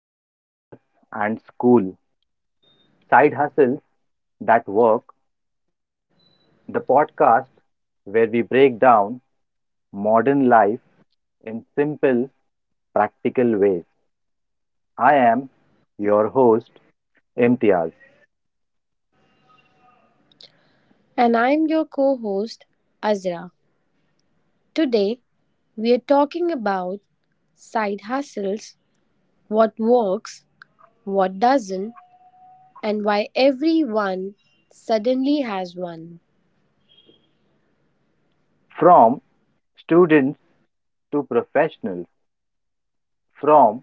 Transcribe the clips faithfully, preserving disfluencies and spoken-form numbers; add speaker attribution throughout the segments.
Speaker 1: To Career and School Side Hustles That Work, the podcast where we break down modern life in simple, practical ways. I am your host, Imtiaz.
Speaker 2: And I'm your co host, Azra. Today, we are talking about side hustles, what works, what doesn't, and why everyone suddenly has one.
Speaker 1: From students to professionals, from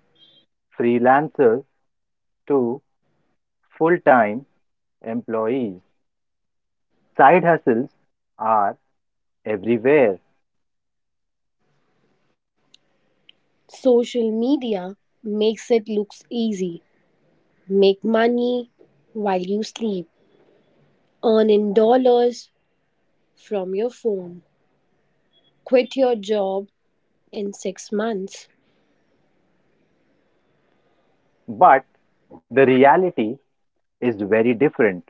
Speaker 1: freelancers to full time employees, side hustles are everywhere,
Speaker 2: Social media makes it looks easy. Make money while you sleep, earn in dollars from your phone, quit your job in six months.
Speaker 1: but the reality is very different.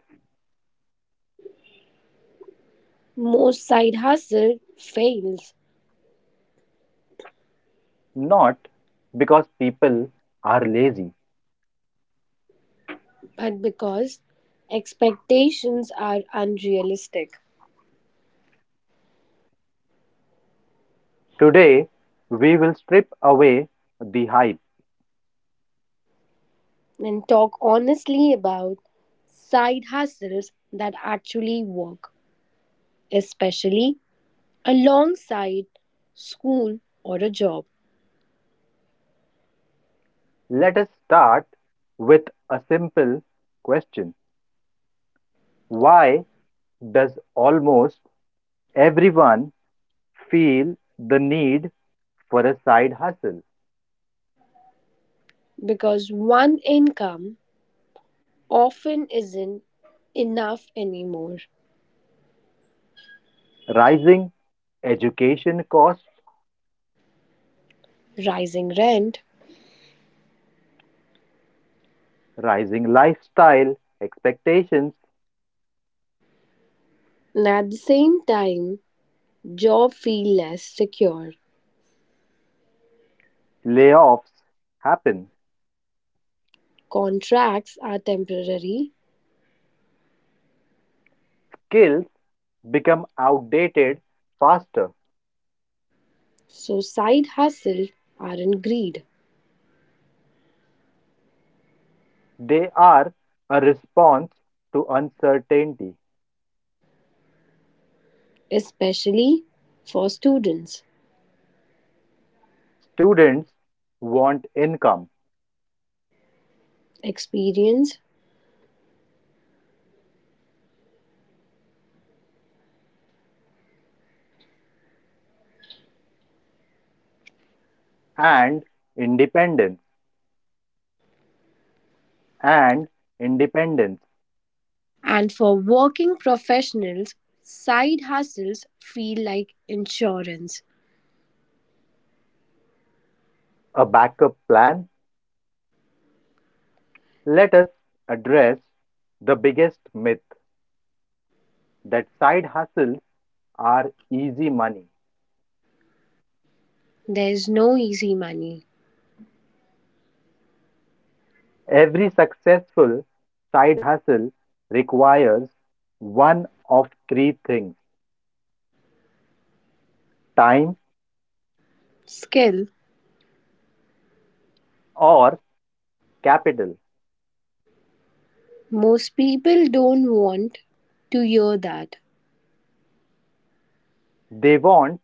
Speaker 2: Most side hustle fails
Speaker 1: Not because people are lazy.
Speaker 2: but because expectations are unrealistic
Speaker 1: Today, we will strip away the hype.
Speaker 2: and talk honestly about side hustles that actually work, especially alongside school or a job,
Speaker 1: Let us start with a simple question. Why does almost everyone feel the need for a side hustle?
Speaker 2: because one income often isn't enough anymore.
Speaker 1: Rising education costs,
Speaker 2: Rising rent,
Speaker 1: rising lifestyle expectations,
Speaker 2: and at the same time, job feel less secure.
Speaker 1: layoffs happen.
Speaker 2: Contracts are temporary,
Speaker 1: Skills become outdated faster.
Speaker 2: so side hustles aren't greed.
Speaker 1: They are a response to uncertainty.
Speaker 2: Especially for students,
Speaker 1: Students want income
Speaker 2: experience,
Speaker 1: and independence,
Speaker 2: and for working professionals, side hustles feel like insurance.
Speaker 1: a backup plan. Let us address the biggest myth that side hustles are easy money.
Speaker 2: There's no easy money.
Speaker 1: Every successful side hustle requires one of three things: time
Speaker 2: Skill,
Speaker 1: or capital.
Speaker 2: most people don't want to hear that,
Speaker 1: They want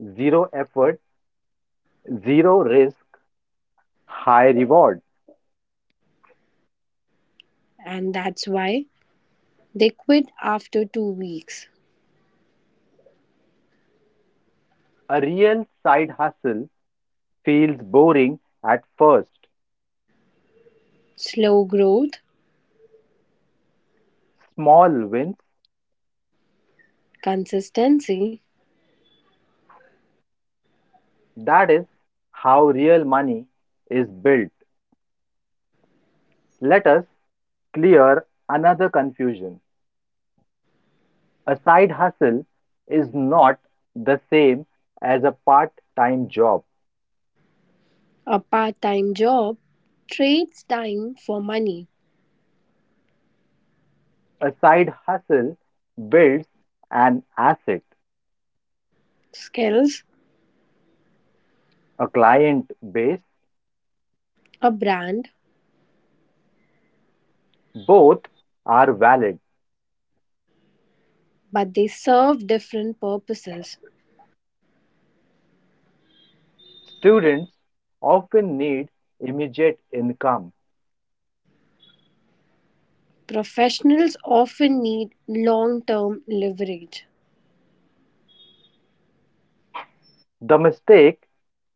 Speaker 1: zero effort, zero risk, high reward.
Speaker 2: and that's why they quit after two weeks.
Speaker 1: A real side hustle feels boring at first.
Speaker 2: Slow growth,
Speaker 1: Small wins.
Speaker 2: consistency,
Speaker 1: That is how real money is built. Let us clear another confusion. A side hustle is not the same as a part time job.
Speaker 2: a part time job trades time for money,
Speaker 1: A side hustle builds an asset,
Speaker 2: skills,
Speaker 1: a client base.
Speaker 2: a brand
Speaker 1: Both are valid.
Speaker 2: but they serve different purposes.
Speaker 1: Students often need immediate income.
Speaker 2: Professionals often need long term leverage.
Speaker 1: The mistake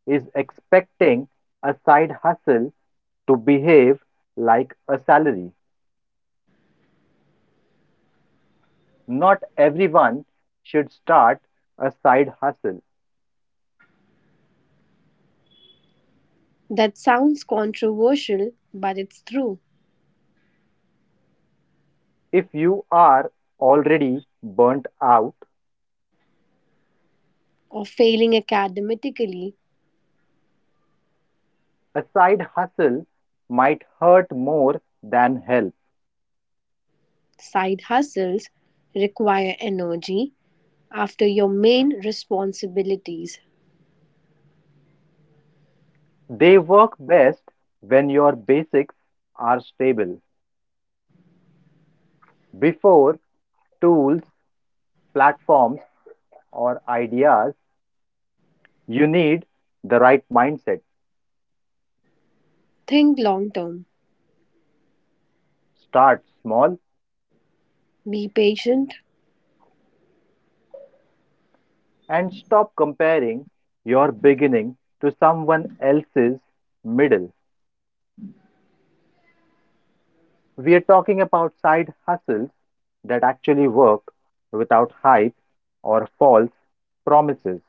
Speaker 1: is expecting a side hustle to behave like a salary. Not everyone should start a side hustle.
Speaker 2: That sounds controversial, but it's true.
Speaker 1: If you are already burnt out,
Speaker 2: Or failing academically,
Speaker 1: a side hustle might hurt more than help.
Speaker 2: side hustles require energy after your main responsibilities.
Speaker 1: They work best when your basics are stable. Before tools, platforms, or ideas, you need the right mindset.
Speaker 2: Think long term,
Speaker 1: Start small
Speaker 2: be patient.
Speaker 1: and stop comparing your beginning to someone else's middle. We are talking about side hustles that actually work without hype or false promises.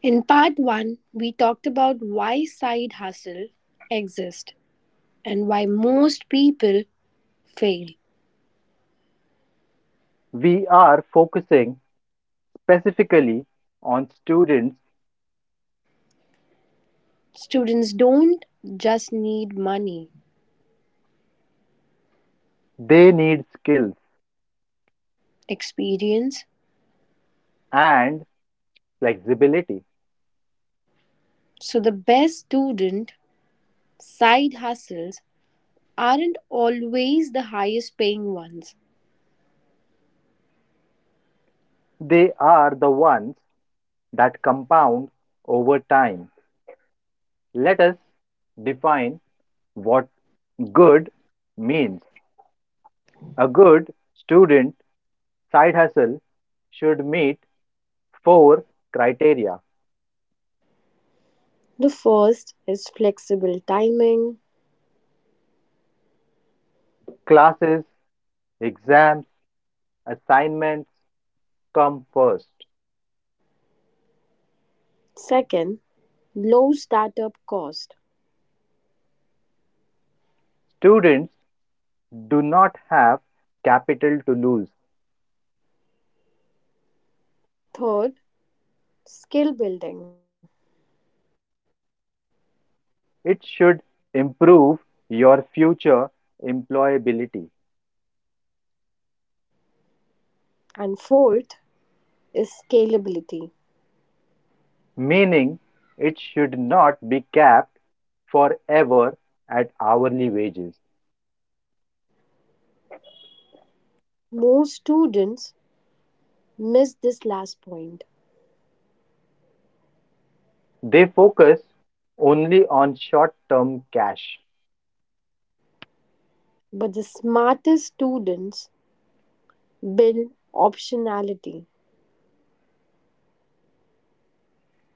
Speaker 2: In part one, we talked about why side hustle exist and why most people fail.
Speaker 1: We are focusing specifically on students.
Speaker 2: Students don't just need money,
Speaker 1: They need skills
Speaker 2: experience.
Speaker 1: and flexibility.
Speaker 2: So the best student side hustles aren't always the highest paying ones.
Speaker 1: They are the ones that compound over time. Let us define what good means. A good student side hustle should meet four criteria.
Speaker 2: The first is flexible timing.
Speaker 1: Classes, exams, assignments come first.
Speaker 2: Second, low startup cost.
Speaker 1: Students do not have capital to lose.
Speaker 2: Third, skill building.
Speaker 1: It should improve your future employability,
Speaker 2: And fourth is scalability.
Speaker 1: meaning it should not be capped forever at hourly wages.
Speaker 2: Most students miss this last point,
Speaker 1: They focus only on short term cash.
Speaker 2: but the smartest students build optionality.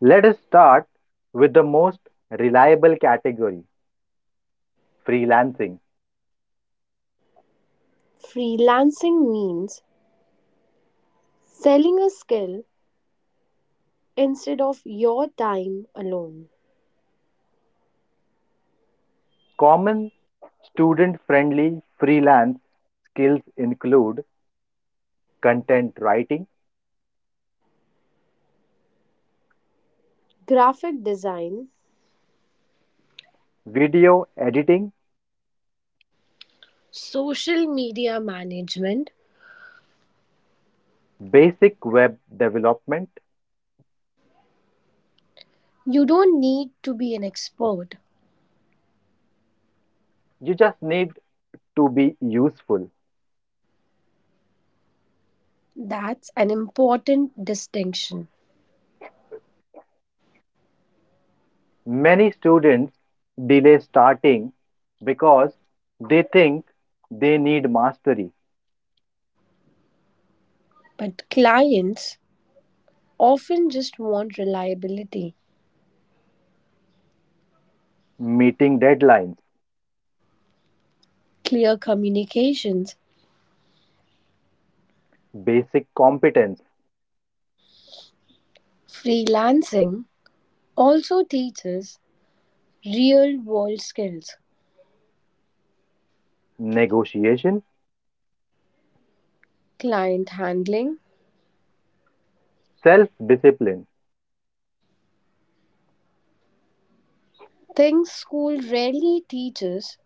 Speaker 1: Let us start with the most reliable category: freelancing.
Speaker 2: Freelancing means selling a skill instead of your time alone.
Speaker 1: Common student-friendly freelance skills include content writing,
Speaker 2: Graphic design,
Speaker 1: video editing,
Speaker 2: social media management,
Speaker 1: basic web development.
Speaker 2: you don't need to be an expert.
Speaker 1: You just need to be useful.
Speaker 2: That's an important distinction.
Speaker 1: Many students delay starting because they think they need mastery,
Speaker 2: But clients often just want reliability,
Speaker 1: meeting deadlines,
Speaker 2: clear communications.
Speaker 1: basic competence,
Speaker 2: Freelancing also teaches real world skills,
Speaker 1: negotiation,
Speaker 2: client handling,
Speaker 1: self discipline.
Speaker 2: things school rarely teaches.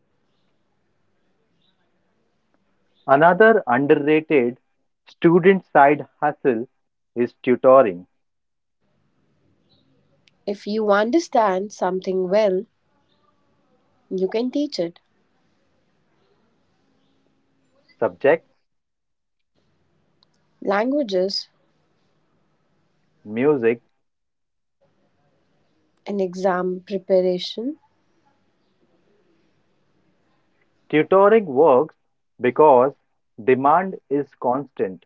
Speaker 1: Another underrated student side hustle is tutoring.
Speaker 2: If you understand something well, you can teach it.
Speaker 1: Subjects,
Speaker 2: Languages
Speaker 1: music,
Speaker 2: and exam preparation
Speaker 1: tutoring works because demand is constant.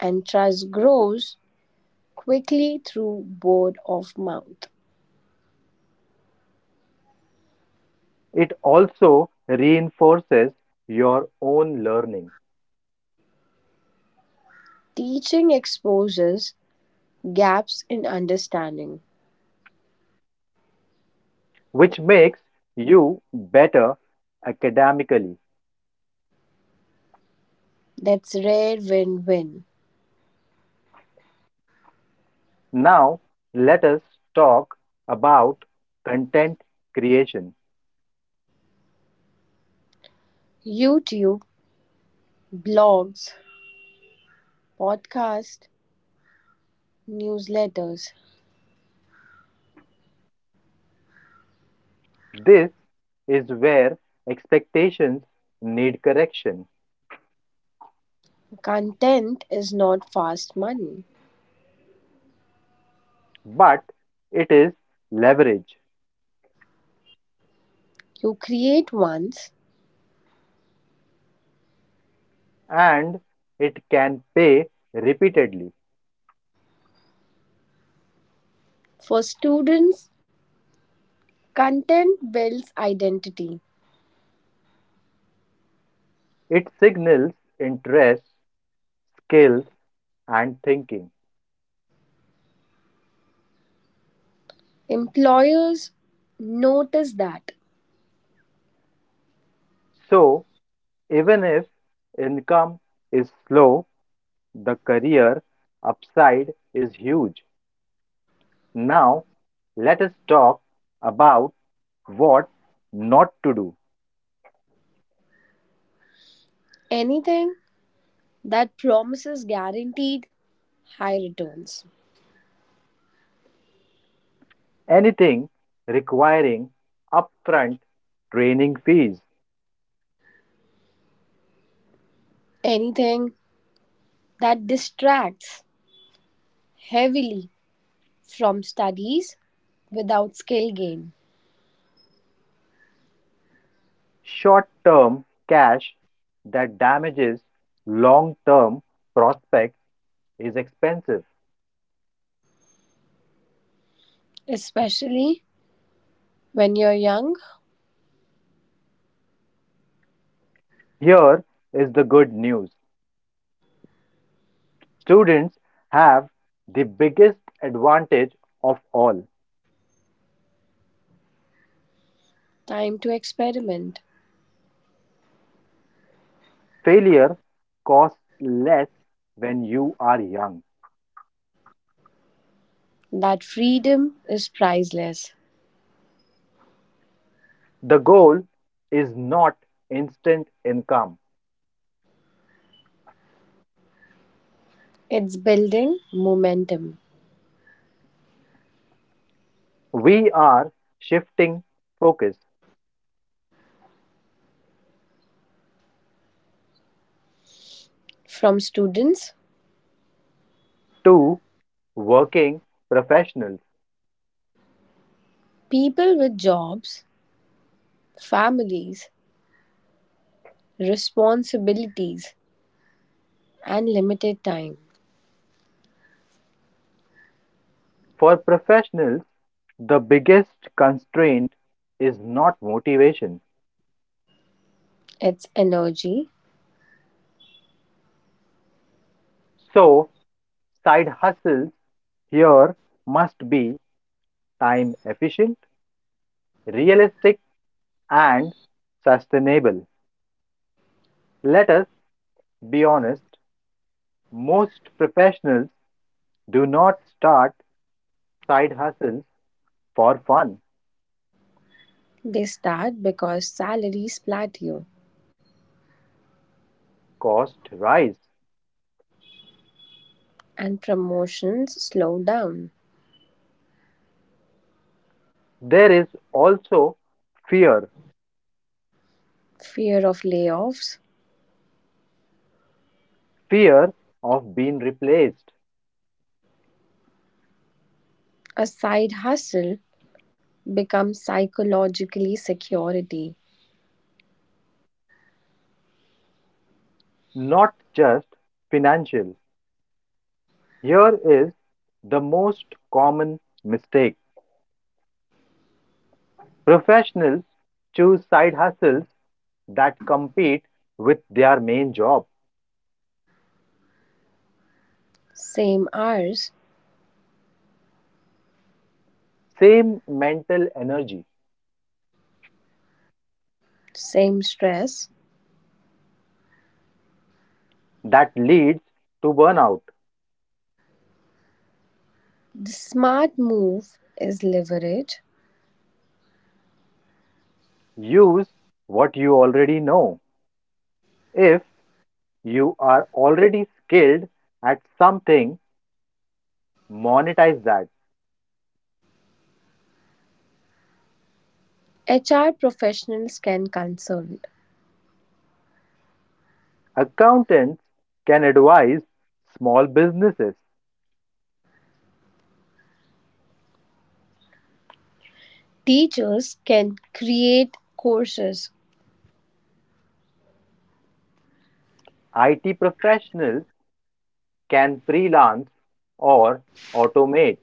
Speaker 2: and trust grows quickly through word of mouth.
Speaker 1: It also reinforces your own learning,
Speaker 2: Teaching exposes gaps in understanding.
Speaker 1: which makes you better academically.
Speaker 2: That's rare win win.
Speaker 1: Now, let us talk about content creation.
Speaker 2: YouTube, blogs, podcasts, newsletters.
Speaker 1: This is where expectations need correction.
Speaker 2: Content is not fast money.
Speaker 1: But it is leverage,
Speaker 2: You create once
Speaker 1: and it can pay repeatedly.
Speaker 2: for students, content builds identity.
Speaker 1: It signals interest, skill, and thinking.
Speaker 2: Employers notice that
Speaker 1: So, even if income is slow, the career upside is huge. Now, let us talk about what not to do.
Speaker 2: anything that promises guaranteed high returns,
Speaker 1: Anything requiring upfront training fees.
Speaker 2: anything that distracts heavily from studies without skill gain,
Speaker 1: Short-term cash that damages long-term prospects is expensive.
Speaker 2: especially when you're young,
Speaker 1: Here is the good news. Students have the biggest advantage of all.
Speaker 2: time to experiment.
Speaker 1: Failure costs less when you are young.
Speaker 2: That freedom is priceless.
Speaker 1: The goal is not instant income.
Speaker 2: It's building momentum
Speaker 1: We are shifting focus
Speaker 2: from students,
Speaker 1: to working professionals.
Speaker 2: people with jobs, families, responsibilities, and limited time.
Speaker 1: For professionals, the biggest constraint is not motivation.
Speaker 2: It's energy.
Speaker 1: So, side hustles here must be time efficient, realistic, and sustainable. Let us be honest, most professionals do not start side hustles for fun.
Speaker 2: They start because salaries plateau
Speaker 1: Cost rise.
Speaker 2: and promotions slow down.
Speaker 1: There is also fear,
Speaker 2: Fear of layoffs.
Speaker 1: fear of being replaced,
Speaker 2: A side hustle becomes psychologically security.
Speaker 1: not just financial. Here is the most common mistake. Professionals choose side hustles that compete with their main job.
Speaker 2: Same hours,
Speaker 1: Same mental energy,
Speaker 2: same stress.
Speaker 1: that leads to burnout.
Speaker 2: The smart move is leverage.
Speaker 1: Use what you already know. If you are already skilled at something, monetize that.
Speaker 2: H R professionals can consult.
Speaker 1: Accountants can advise small businesses.
Speaker 2: Teachers can create courses.
Speaker 1: I T professionals can freelance or automate.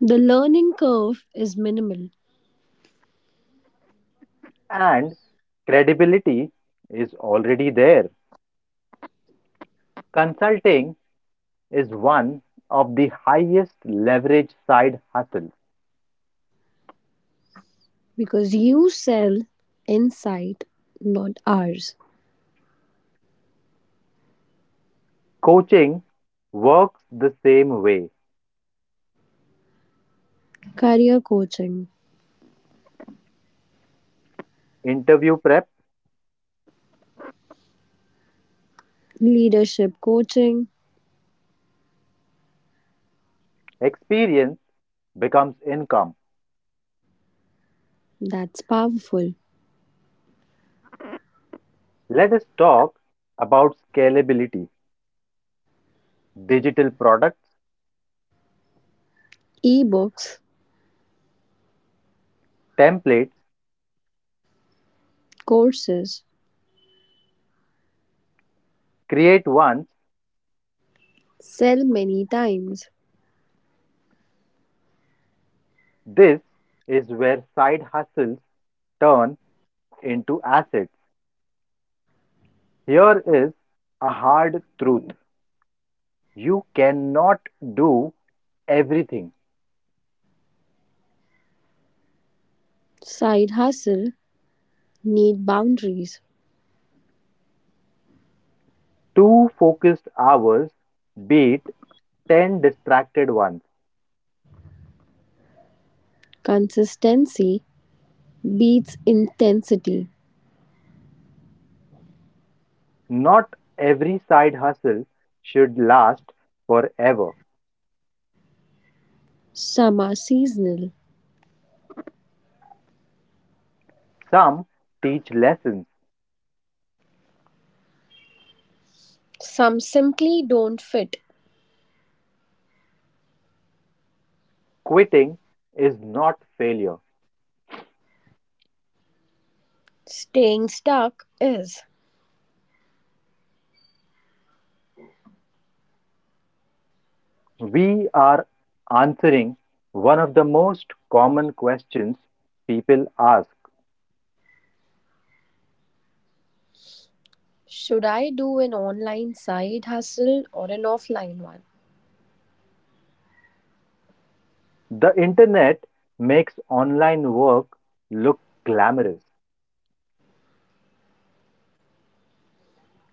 Speaker 2: The learning curve is minimal.
Speaker 1: And credibility is already there. Consulting is one of the highest leverage side hustles.
Speaker 2: Because you sell insight, not ours.
Speaker 1: Coaching works the same way.
Speaker 2: Career coaching,
Speaker 1: Interview prep,
Speaker 2: leadership coaching,
Speaker 1: experience becomes income.
Speaker 2: that's powerful.
Speaker 1: Let us talk about scalability. Digital products,
Speaker 2: Ebooks,
Speaker 1: templates,
Speaker 2: courses,
Speaker 1: create ones.
Speaker 2: sell many times.
Speaker 1: This is where side hustles turn into assets. Here is a hard truth. You cannot do everything.
Speaker 2: Side hustle, need boundaries.
Speaker 1: Two focused hours beat ten distracted ones.
Speaker 2: Consistency beats intensity.
Speaker 1: Not every side hustle should last forever.
Speaker 2: Some are seasonal,
Speaker 1: Some teach lessons.
Speaker 2: some simply don't fit.
Speaker 1: Quitting is not failure.
Speaker 2: Staying stuck is.
Speaker 1: We are answering one of the most common questions people ask.
Speaker 2: Should I do an online side hustle or an offline one?
Speaker 1: The internet makes online work look glamorous.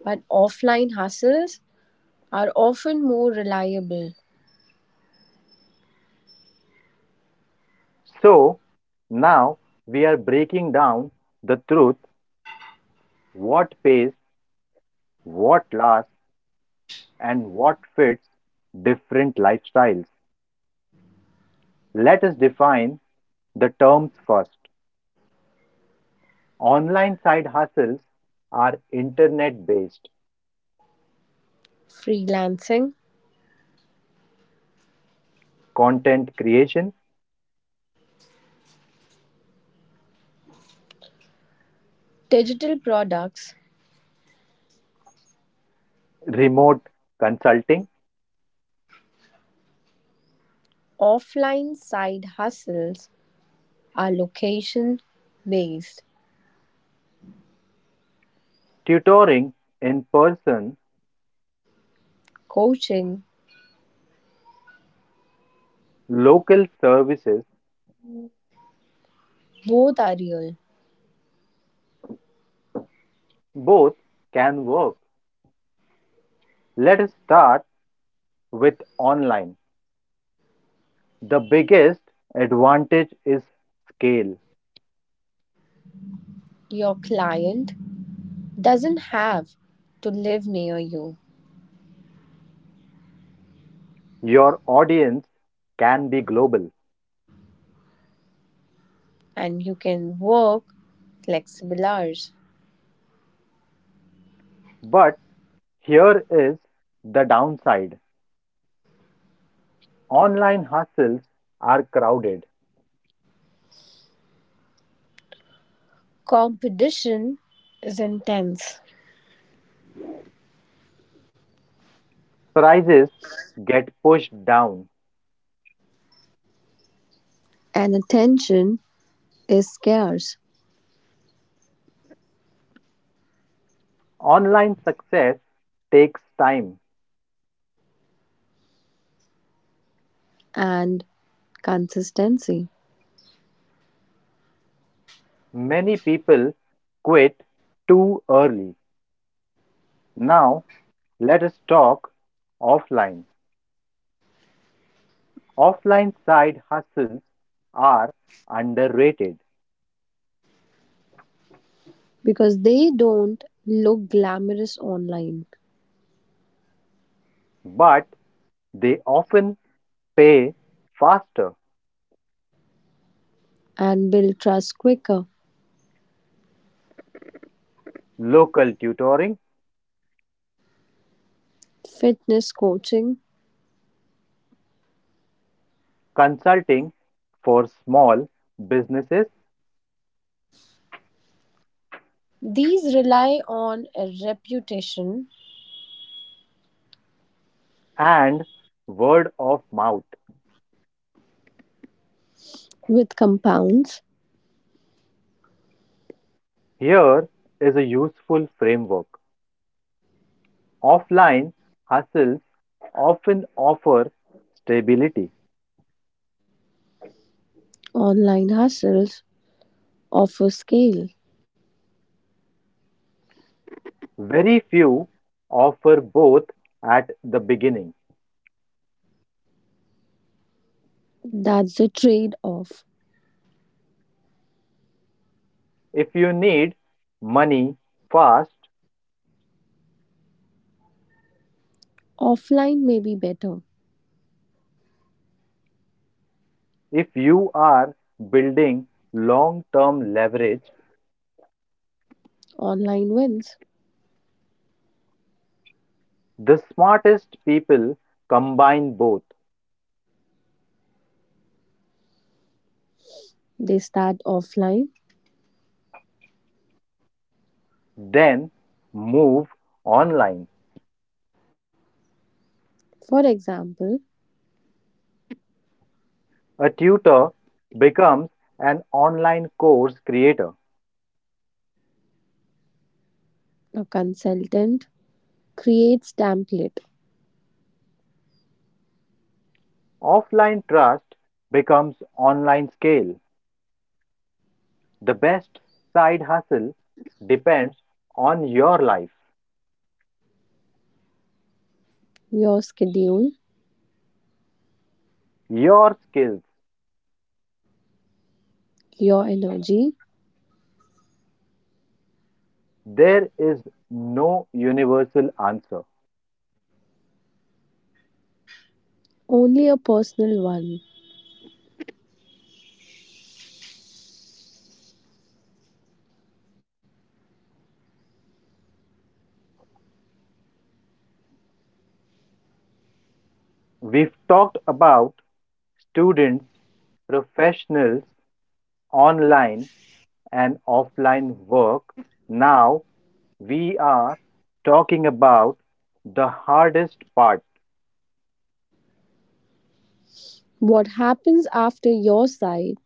Speaker 2: But offline hustles are often more reliable.
Speaker 1: So now we are breaking down the truth: what pays, what lasts, and what fits different lifestyles. Let us define the terms first. Online side hustles are internet based
Speaker 2: Freelancing,
Speaker 1: content creation,
Speaker 2: digital products,
Speaker 1: remote consulting,
Speaker 2: offline side hustles are location based.
Speaker 1: tutoring in person,
Speaker 2: Coaching,
Speaker 1: local services,
Speaker 2: both are real.
Speaker 1: both can work. Let us start with online. The biggest advantage is scale.
Speaker 2: Your client doesn't have to live near you,
Speaker 1: Your audience can be global.
Speaker 2: and you can work flexible hours.
Speaker 1: But here is the downside: online hustles are crowded,
Speaker 2: Competition is intense,
Speaker 1: prices get pushed down.
Speaker 2: and attention is scarce,
Speaker 1: Online success takes time.
Speaker 2: and consistency
Speaker 1: Many people quit too early. Now, let us talk offline. Offline side hustles are underrated,
Speaker 2: because they don't look glamorous online
Speaker 1: but they often pay faster:
Speaker 2: and build trust quicker.
Speaker 1: local tutoring,
Speaker 2: Fitness coaching,
Speaker 1: consulting for small businesses,
Speaker 2: these rely on a reputation
Speaker 1: and word of mouth.
Speaker 2: with compounds.
Speaker 1: Here is a useful framework. Offline hustles often offer stability.
Speaker 2: Online hustles offer scale.
Speaker 1: Very few offer both at the beginning.
Speaker 2: That's the trade off.
Speaker 1: If you need money fast,
Speaker 2: Offline may be better,
Speaker 1: if you are building long term leverage,
Speaker 2: online wins.
Speaker 1: the smartest people combine both,
Speaker 2: They start offline.
Speaker 1: then move online.
Speaker 2: For example,
Speaker 1: A tutor becomes an online course creator.
Speaker 2: a consultant creates template,
Speaker 1: Offline trust becomes online scale. The best side hustle depends on your life,
Speaker 2: your schedule,
Speaker 1: your skills.
Speaker 2: your energy,
Speaker 1: There is no universal answer.
Speaker 2: only a personal one.
Speaker 1: We've talked about students, professionals, online, and offline work. Now we are talking about the hardest part:
Speaker 2: What happens after your side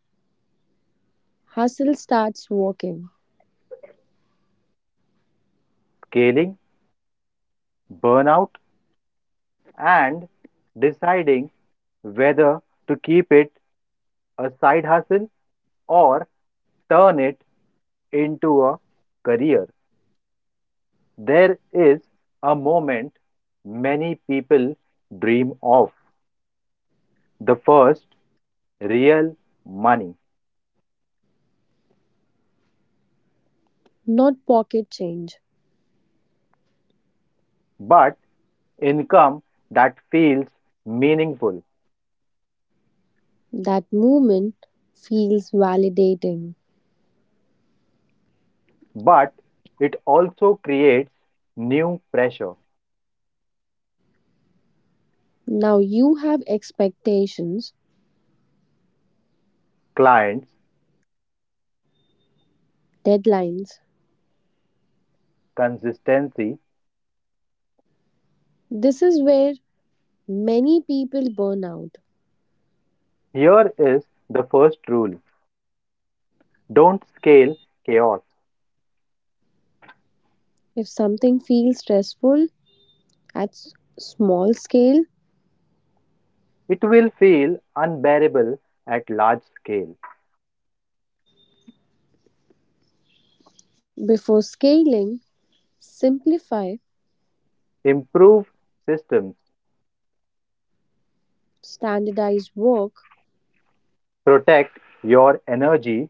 Speaker 2: hustle starts working,
Speaker 1: scaling, burnout, and deciding whether to keep it a side hustle or turn it into a career. There is a moment many people dream of: the first real money,
Speaker 2: not pocket change?
Speaker 1: but income that feels meaningful.
Speaker 2: That moment feels validating.
Speaker 1: But it also creates new pressure.
Speaker 2: Now you have expectations,
Speaker 1: Clients,
Speaker 2: deadlines.
Speaker 1: consistency.
Speaker 2: This is where many people burn out.
Speaker 1: Here is the first rule: don't scale chaos.
Speaker 2: If something feels stressful at s- small scale,
Speaker 1: It will feel unbearable at large scale.
Speaker 2: before scaling, simplify,
Speaker 1: Improve systems,
Speaker 2: standardize work,
Speaker 1: protect your energy.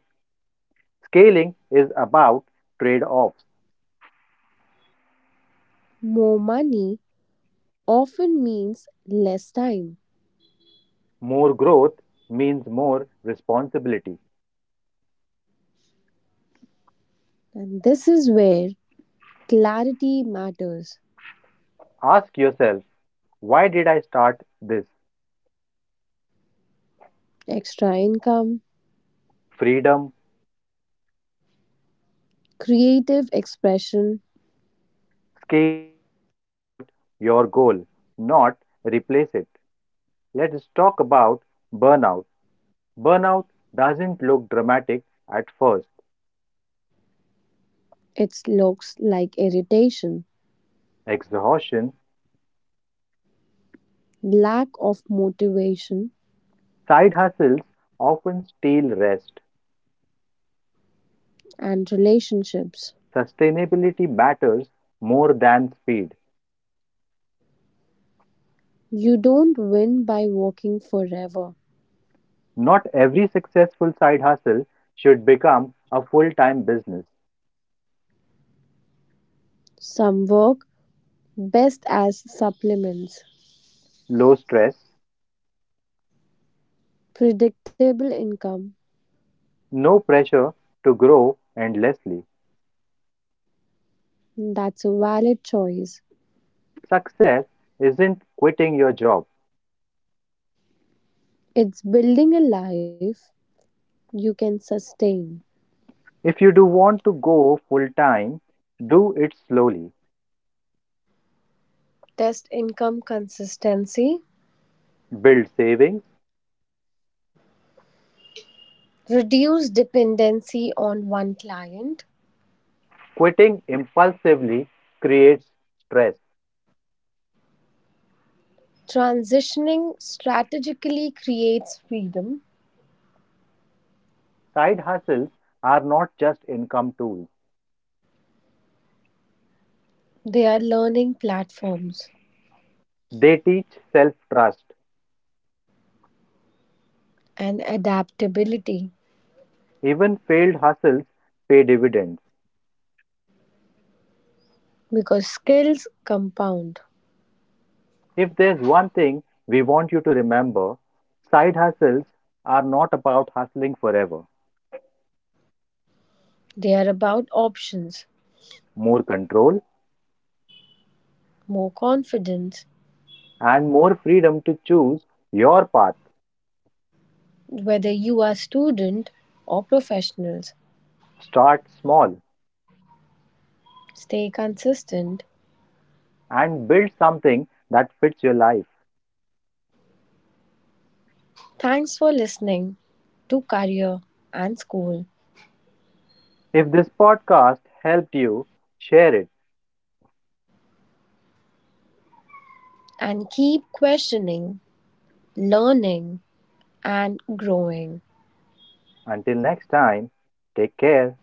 Speaker 1: Scaling is about trade offs.
Speaker 2: more money often means less time.
Speaker 1: More growth means more responsibility.
Speaker 2: And this is where clarity matters.
Speaker 1: Ask yourself, why did I start this?
Speaker 2: Extra income,
Speaker 1: Freedom,
Speaker 2: creative expression,
Speaker 1: scaling should support your goal, not replace it. Let's talk about burnout. Burnout doesn't look dramatic at first.
Speaker 2: it looks like irritation,
Speaker 1: Exhaustion,
Speaker 2: lack of motivation,
Speaker 1: side hustles often steal rest.
Speaker 2: and relationships.
Speaker 1: Sustainability matters more than speed.
Speaker 2: You don't win by working forever.
Speaker 1: Not every successful side hustle should become a full time business.
Speaker 2: Some work best as supplements.
Speaker 1: Low stress,
Speaker 2: Predictable income,
Speaker 1: no pressure to grow endlessly.
Speaker 2: that's a valid choice.
Speaker 1: Success isn't quitting your job.
Speaker 2: It's building a life you can sustain.
Speaker 1: If you do want to go full time, do it slowly.
Speaker 2: Test income consistency
Speaker 1: Build savings.
Speaker 2: reduce dependency on one client.
Speaker 1: Quitting impulsively creates stress.
Speaker 2: Transitioning strategically creates freedom.
Speaker 1: Side hustles are not just income tools,
Speaker 2: They are learning platforms
Speaker 1: they teach self trust.
Speaker 2: and adaptability
Speaker 1: Even failed hustles pay dividends.
Speaker 2: because skills compound.
Speaker 1: If there's one thing we want you to remember, side hustles are not about hustling forever.
Speaker 2: They are about options,
Speaker 1: More control
Speaker 2: more confidence,
Speaker 1: and more freedom to choose your path.
Speaker 2: whether you are student or professionals.
Speaker 1: Start small,
Speaker 2: Stay consistent.
Speaker 1: and build something that fits your life.
Speaker 2: Thanks for listening to career and school
Speaker 1: If this podcast helped you, share it.
Speaker 2: and keep questioning, learning and growing.
Speaker 1: Until next time, take care.